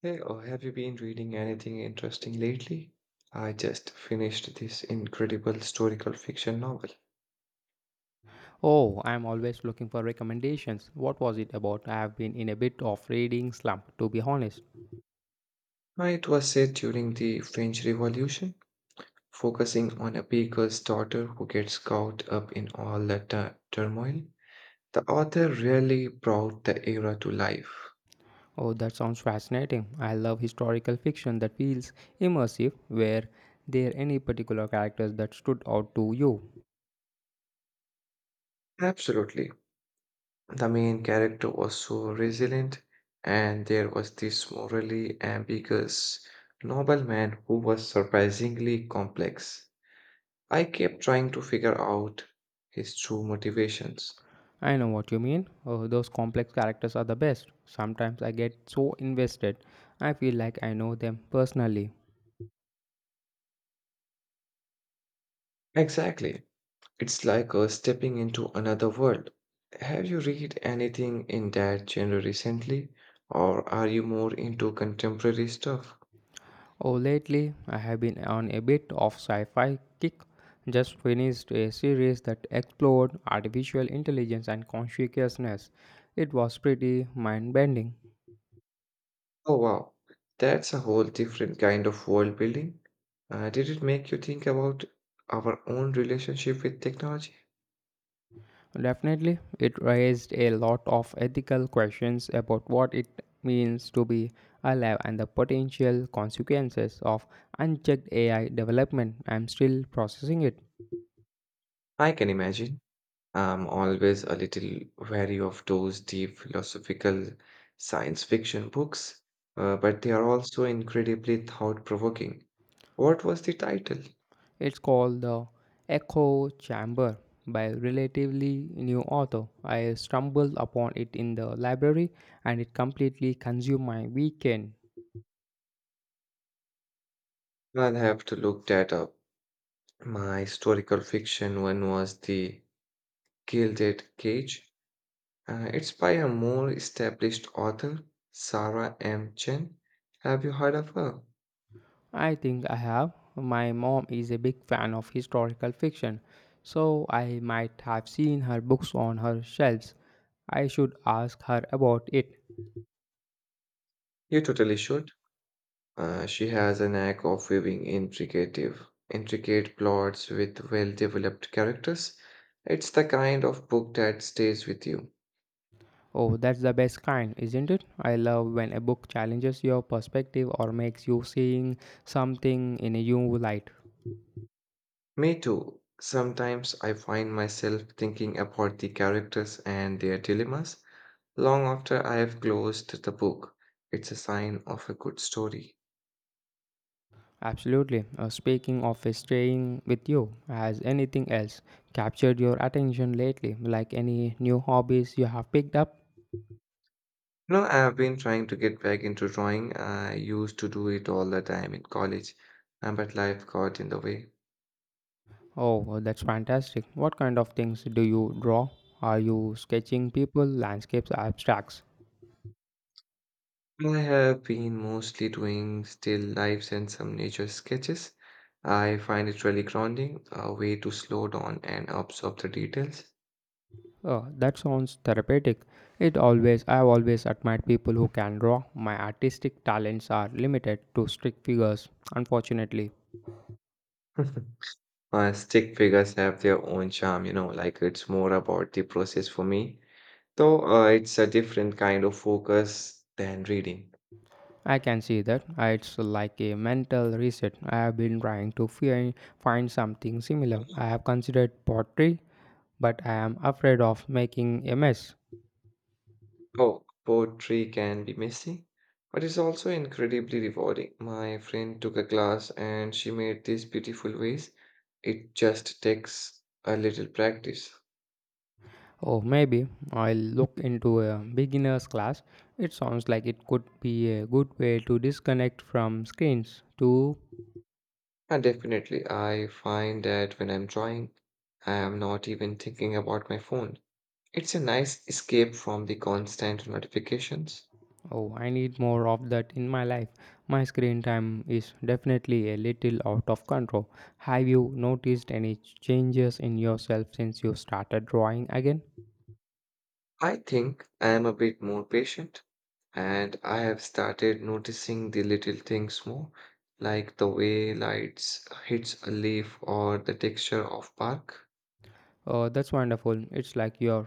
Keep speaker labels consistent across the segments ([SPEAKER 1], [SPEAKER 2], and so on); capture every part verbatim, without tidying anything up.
[SPEAKER 1] Hey, oh, have you been reading anything interesting lately? I just finished this incredible historical fiction novel.
[SPEAKER 2] Oh, I'm always looking for recommendations. What was it about? I have been in a bit of reading slump, to be honest.
[SPEAKER 1] Uh, It was set during the French Revolution, focusing on a baker's daughter who gets caught up in all the tu- turmoil. The author really brought the era to life.
[SPEAKER 2] Oh, that sounds fascinating. I love historical fiction that feels immersive. Were there any particular characters that stood out to you?
[SPEAKER 1] Absolutely. The main character was so resilient, and there was this morally ambiguous nobleman who was surprisingly complex. I kept trying to figure out his true motivations.
[SPEAKER 2] I know what you mean. Oh, those complex characters are the best. Sometimes I get so invested, I feel like I know them personally.
[SPEAKER 1] Exactly. It's like uh, stepping into another world. Have you read anything in that genre recently, or are you more into contemporary stuff?
[SPEAKER 2] Oh, lately I have been on a bit of sci-fi kick. Just finished a series that explored artificial intelligence and consciousness. It was pretty mind-bending.
[SPEAKER 1] Oh, wow. That's a whole different kind of world building. Uh, did it make you think about our own relationship with technology?
[SPEAKER 2] Definitely, it raised a lot of ethical questions about what it means to be alive and the potential consequences of unchecked A I development. I'm still processing it.
[SPEAKER 1] I can imagine. I'm always a little wary of those deep philosophical science fiction books, uh, but they are also incredibly thought-provoking. What was the title?
[SPEAKER 2] It's called The Echo Chamber by relatively new author. I stumbled upon it in the library and it completely consumed my weekend.
[SPEAKER 1] I'll have to look that up. My historical fiction one was The Gilded Cage. Uh, it's by a more established author, Sarah M. Chen. Have you heard of her?
[SPEAKER 2] I think I have. My mom is a big fan of historical fiction, so I might have seen her books on her shelves. I should ask her about it.
[SPEAKER 1] You totally should. Uh, she has a knack of weaving intricate, intricate plots with well developed characters. It's the kind of book that stays with you.
[SPEAKER 2] Oh, that's the best kind, isn't it? I love when a book challenges your perspective or makes you seeing something in a new light.
[SPEAKER 1] Me too. Sometimes I find myself thinking about the characters and their dilemmas long after I have closed the book. It's a sign of a good story.
[SPEAKER 2] Absolutely. Uh, speaking of staying with you, has anything else captured your attention lately? Like any new hobbies you have picked up?
[SPEAKER 1] You know, I've been trying to get back into drawing. I used to do it all the time in college, uh, but life got in the way.
[SPEAKER 2] Oh, well, that's fantastic. What kind of things do you draw? Are you sketching people, landscapes, abstracts?
[SPEAKER 1] I have been mostly doing still lifes and some nature sketches. I find it really grounding, a way to slow down and absorb the details.
[SPEAKER 2] Oh, that sounds therapeutic. It always I've always admired people who can draw. My artistic talents are limited to strict figures, unfortunately.
[SPEAKER 1] Uh, stick figures have their own charm, you know, like it's more about the process for me. Though uh, it's a different kind of focus than reading.
[SPEAKER 2] I can see that. Uh, It's like a mental reset. I have been trying to fi- find something similar. I have considered pottery, but I am afraid of making a mess.
[SPEAKER 1] Oh, poetry can be messy, but it's also incredibly rewarding. My friend took a class and she made these beautiful ways. It just takes a little practice.
[SPEAKER 2] Or maybe I'll look into a beginner's class. It sounds like it could be a good way to disconnect from screens too.
[SPEAKER 1] And definitely, I find that when I'm drawing, I am not even thinking about my phone. It's a nice escape from the constant notifications.
[SPEAKER 2] Oh, I need more of that in my life. My screen time is definitely a little out of control. Have you noticed any changes in yourself since you started drawing again?
[SPEAKER 1] I think I am a bit more patient and I have started noticing the little things more, like the way lights hits a leaf or the texture of bark.
[SPEAKER 2] Oh, that's wonderful. It's like you're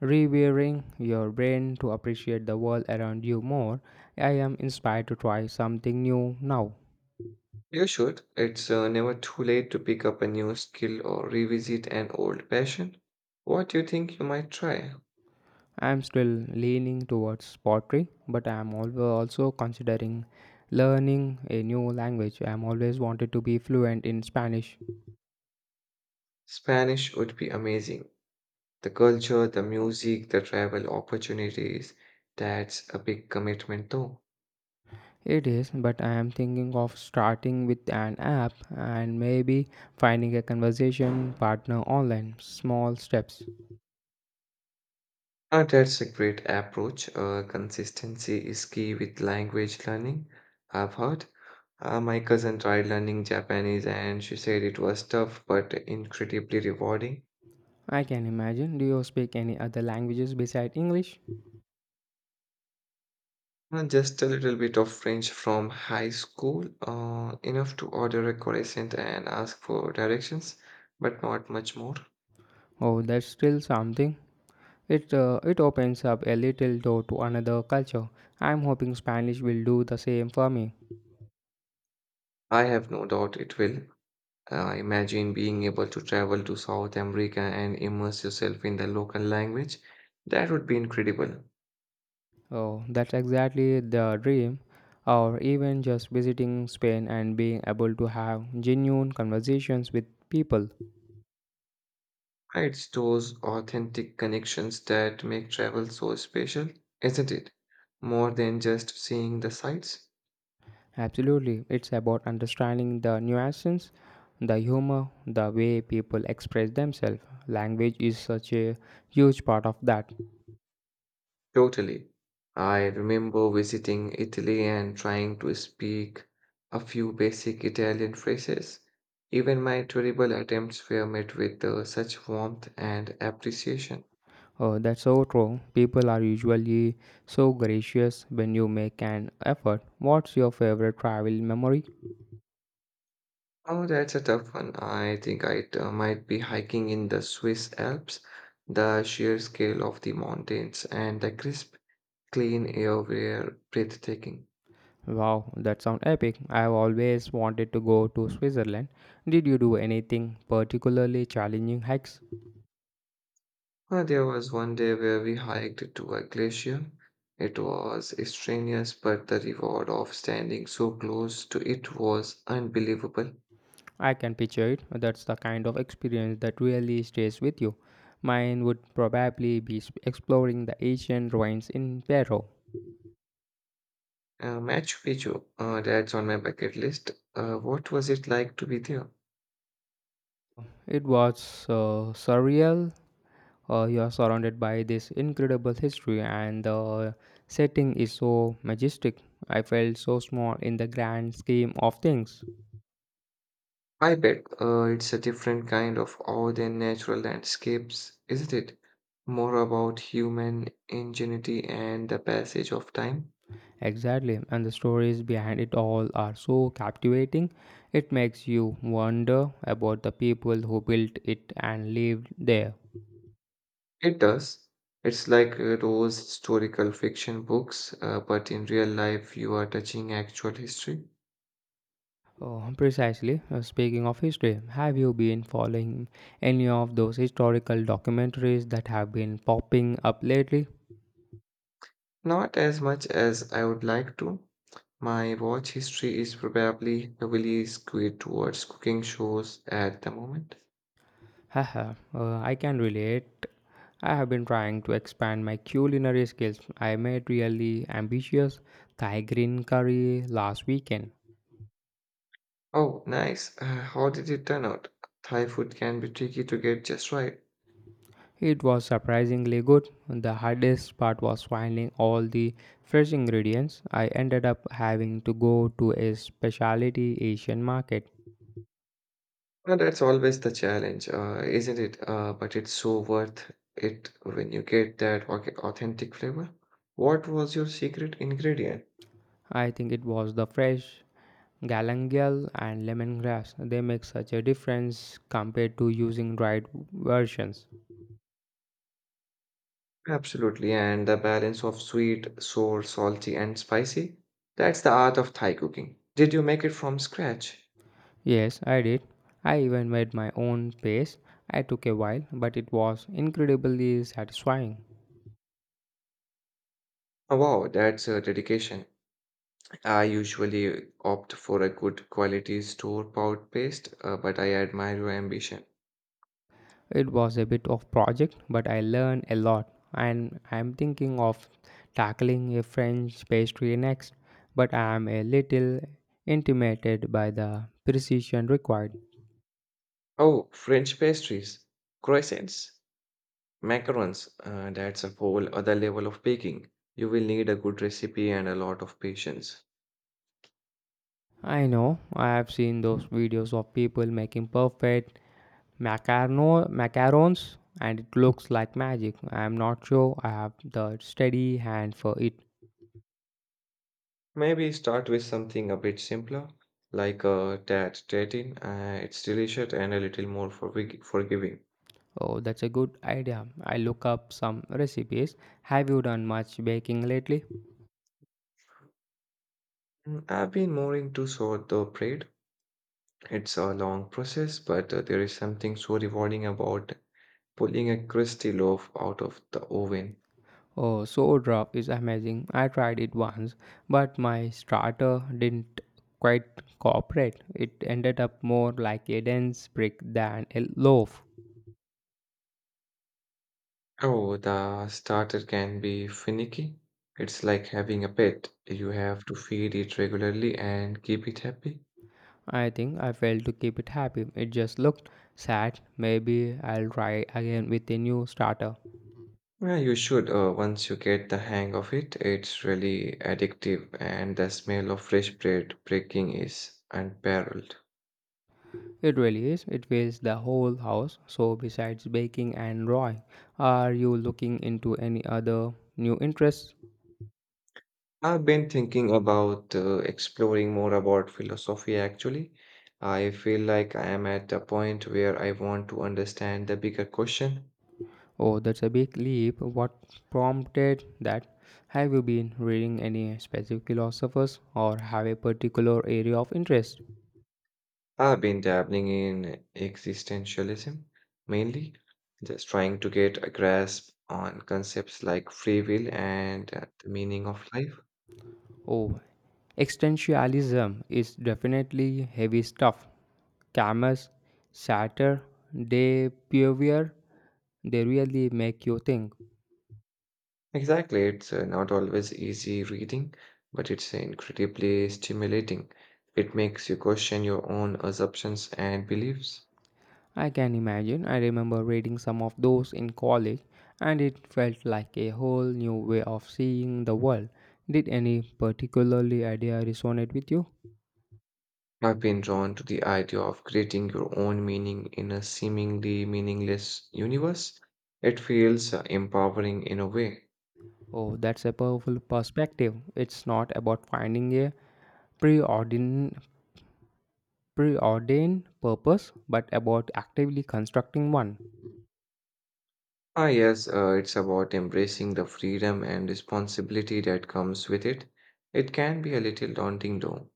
[SPEAKER 2] rewiring your brain to appreciate the world around you more. I am inspired to try something new now.
[SPEAKER 1] You should. It's uh, never too late to pick up a new skill or revisit an old passion. What do you think you might try?
[SPEAKER 2] I am still leaning towards pottery, but I am al- also considering learning a new language. I am always wanted to be fluent in Spanish.
[SPEAKER 1] Spanish would be amazing. The culture, the music, the travel opportunities. That's a big commitment though.
[SPEAKER 2] It is, but I am thinking of starting with an app and maybe finding a conversation partner online. Small steps.
[SPEAKER 1] Uh, that's a great approach. Uh, consistency is key with language learning. I've heard. Uh, my cousin tried learning Japanese and she said it was tough but incredibly rewarding.
[SPEAKER 2] I can imagine. Do you speak any other languages besides English?
[SPEAKER 1] Uh, just a little bit of French from high school, uh, enough to order a croissant and ask for directions, but not much more.
[SPEAKER 2] Oh, that's still something. It uh, it opens up a little door to another culture. I'm hoping Spanish will do the same for me.
[SPEAKER 1] I have no doubt it will. Uh, imagine being able to travel to South America and immerse yourself in the local language. That would be incredible.
[SPEAKER 2] Oh, that's exactly the dream. Or even just visiting Spain and being able to have genuine conversations with people.
[SPEAKER 1] Right, it's those authentic connections that make travel so special, isn't it? More than just seeing the sights.
[SPEAKER 2] Absolutely, it's about understanding the nuances, the humor, the way people express themselves. Language is such a huge part of that.
[SPEAKER 1] Totally. I remember visiting Italy and trying to speak a few basic Italian phrases. Even my terrible attempts were met with uh, such warmth and appreciation.
[SPEAKER 2] Oh, that's so true. People are usually so gracious when you make an effort. What's your favorite travel memory?
[SPEAKER 1] Oh, that's a tough one. I think I uh, might be hiking in the Swiss Alps. The sheer scale of the mountains and the crisp clean air were breathtaking.
[SPEAKER 2] Wow, that sounds epic. I've always wanted to go to Switzerland. Did you do anything particularly challenging hikes?
[SPEAKER 1] Uh, there was one day where we hiked to a glacier. It was strenuous, but the reward of standing so close to it was unbelievable.
[SPEAKER 2] I can picture it. That's the kind of experience that really stays with you. Mine would probably be s- exploring the ancient ruins in Peru.
[SPEAKER 1] Uh, Machu Picchu, uh, that's on my bucket list. Uh, what was it like to be there?
[SPEAKER 2] It was uh, surreal, uh, you are surrounded by this incredible history and the setting is so majestic. I felt so small in the grand scheme of things.
[SPEAKER 1] I bet uh, it's a different kind of awe than natural landscapes, isn't it? More about human ingenuity and the passage of time.
[SPEAKER 2] Exactly, and the stories behind it all are so captivating. It makes you wonder about the people who built it and lived there.
[SPEAKER 1] It does. It's like uh, those historical fiction books, uh, but in real life, you are touching actual history.
[SPEAKER 2] Oh, precisely. Uh, Speaking of history, have you been following any of those historical documentaries that have been popping up lately?
[SPEAKER 1] Not as much as I would like to. My watch history is probably heavily skewed towards cooking shows at the moment.
[SPEAKER 2] Haha, uh, I can relate. I have been trying to expand my culinary skills. I made really ambitious Thai green curry last weekend.
[SPEAKER 1] Oh, nice. Uh, how did it turn out? Thai food can be tricky to get just right.
[SPEAKER 2] It was surprisingly good. The hardest part was finding all the fresh ingredients. I ended up having to go to a specialty Asian market.
[SPEAKER 1] And that's always the challenge, uh, isn't it? Uh, but it's so worth it when you get that au- authentic flavor. What was your secret ingredient?
[SPEAKER 2] I think it was the fresh galangal and lemongrass. They make such a difference compared to using dried versions.
[SPEAKER 1] Absolutely, and the balance of sweet, sour, salty, and spicy. That's the art of Thai cooking. Did you make it from scratch?
[SPEAKER 2] Yes, I did. I even made my own pace. I took a while, but it was incredibly satisfying.
[SPEAKER 1] Oh, wow, that's a dedication. I usually opt for a good quality store-bought paste, uh, but I admire your ambition.
[SPEAKER 2] It was a bit of project, but I learned a lot. And I'm thinking of tackling a French pastry next, but I am a little intimidated by the precision required.
[SPEAKER 1] Oh, French pastries, croissants. Macarons, uh, that's a whole other level of baking. You will need a good recipe and a lot of patience.
[SPEAKER 2] I know I have seen those videos of people making perfect macarno macarons and it looks like magic. I am not sure I have the steady hand for it.
[SPEAKER 1] Maybe start with something a bit simpler, like a tart tatin. Uh, it's delicious and a little more forgi- forgiving.
[SPEAKER 2] Oh, that's a good idea. I look up some recipes. Have you done much baking lately?
[SPEAKER 1] Mm, I've been more into sort the bread. It's a long process, but uh, there is something so rewarding about pulling a crusty loaf out of the oven.
[SPEAKER 2] Oh, sourdough is amazing. I tried it once, but my starter didn't quite cooperate. It ended up more like a dense brick than a loaf.
[SPEAKER 1] Oh, the starter can be finicky. It's like having a pet. You have to feed it regularly and keep it happy.
[SPEAKER 2] I think I failed to keep it happy. It just looked sad. Maybe I'll try again with a new starter.
[SPEAKER 1] Yeah, you should. Uh, once you get the hang of it, it's really addictive, and the smell of fresh bread breaking is unparalleled.
[SPEAKER 2] It really is. It fills the whole house. So, besides baking and drawing, are you looking into any other new interests?
[SPEAKER 1] I've been thinking about uh, exploring more about philosophy actually. I feel like I am at a point where I want to understand the bigger question.
[SPEAKER 2] Oh, that's a big leap. What prompted that? Have you been reading any specific philosophers or have a particular area of interest?
[SPEAKER 1] I've been dabbling in existentialism mainly, just trying to get a grasp on concepts like free will and uh, the meaning of life.
[SPEAKER 2] Oh, existentialism is definitely heavy stuff. Camus, Sartre, De Puyver, they really make you think.
[SPEAKER 1] Exactly, it's uh, not always easy reading, but it's incredibly stimulating. It makes you question your own assumptions and beliefs.
[SPEAKER 2] I can imagine. I remember reading some of those in college, and it felt like a whole new way of seeing the world. Did any particularly idea resonate with you?
[SPEAKER 1] I've been drawn to the idea of creating your own meaning in a seemingly meaningless universe. It feels uh, empowering in a way.
[SPEAKER 2] Oh, that's a powerful perspective. It's not about finding a preordained, preordained purpose, but about actively constructing one.
[SPEAKER 1] Ah, yes, uh, it's about embracing the freedom and responsibility that comes with it. It can be a little daunting, though.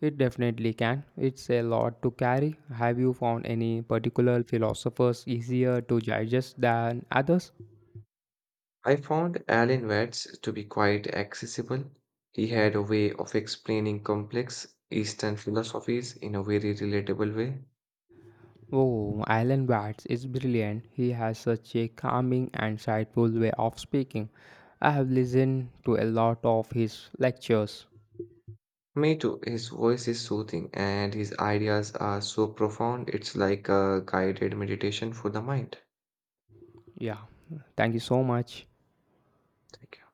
[SPEAKER 2] It definitely can. It's a lot to carry. Have you found any particular philosophers easier to digest than others?
[SPEAKER 1] I found Alan Watts to be quite accessible. He had a way of explaining complex Eastern philosophies in a very relatable way.
[SPEAKER 2] Oh, Alan Watts is brilliant. He has such a calming and insightful way of speaking. I have listened to a lot of his lectures.
[SPEAKER 1] Me too, his voice is soothing and his ideas are so profound, it's like a guided meditation for the mind.
[SPEAKER 2] Yeah, thank you so much.
[SPEAKER 1] Thank you.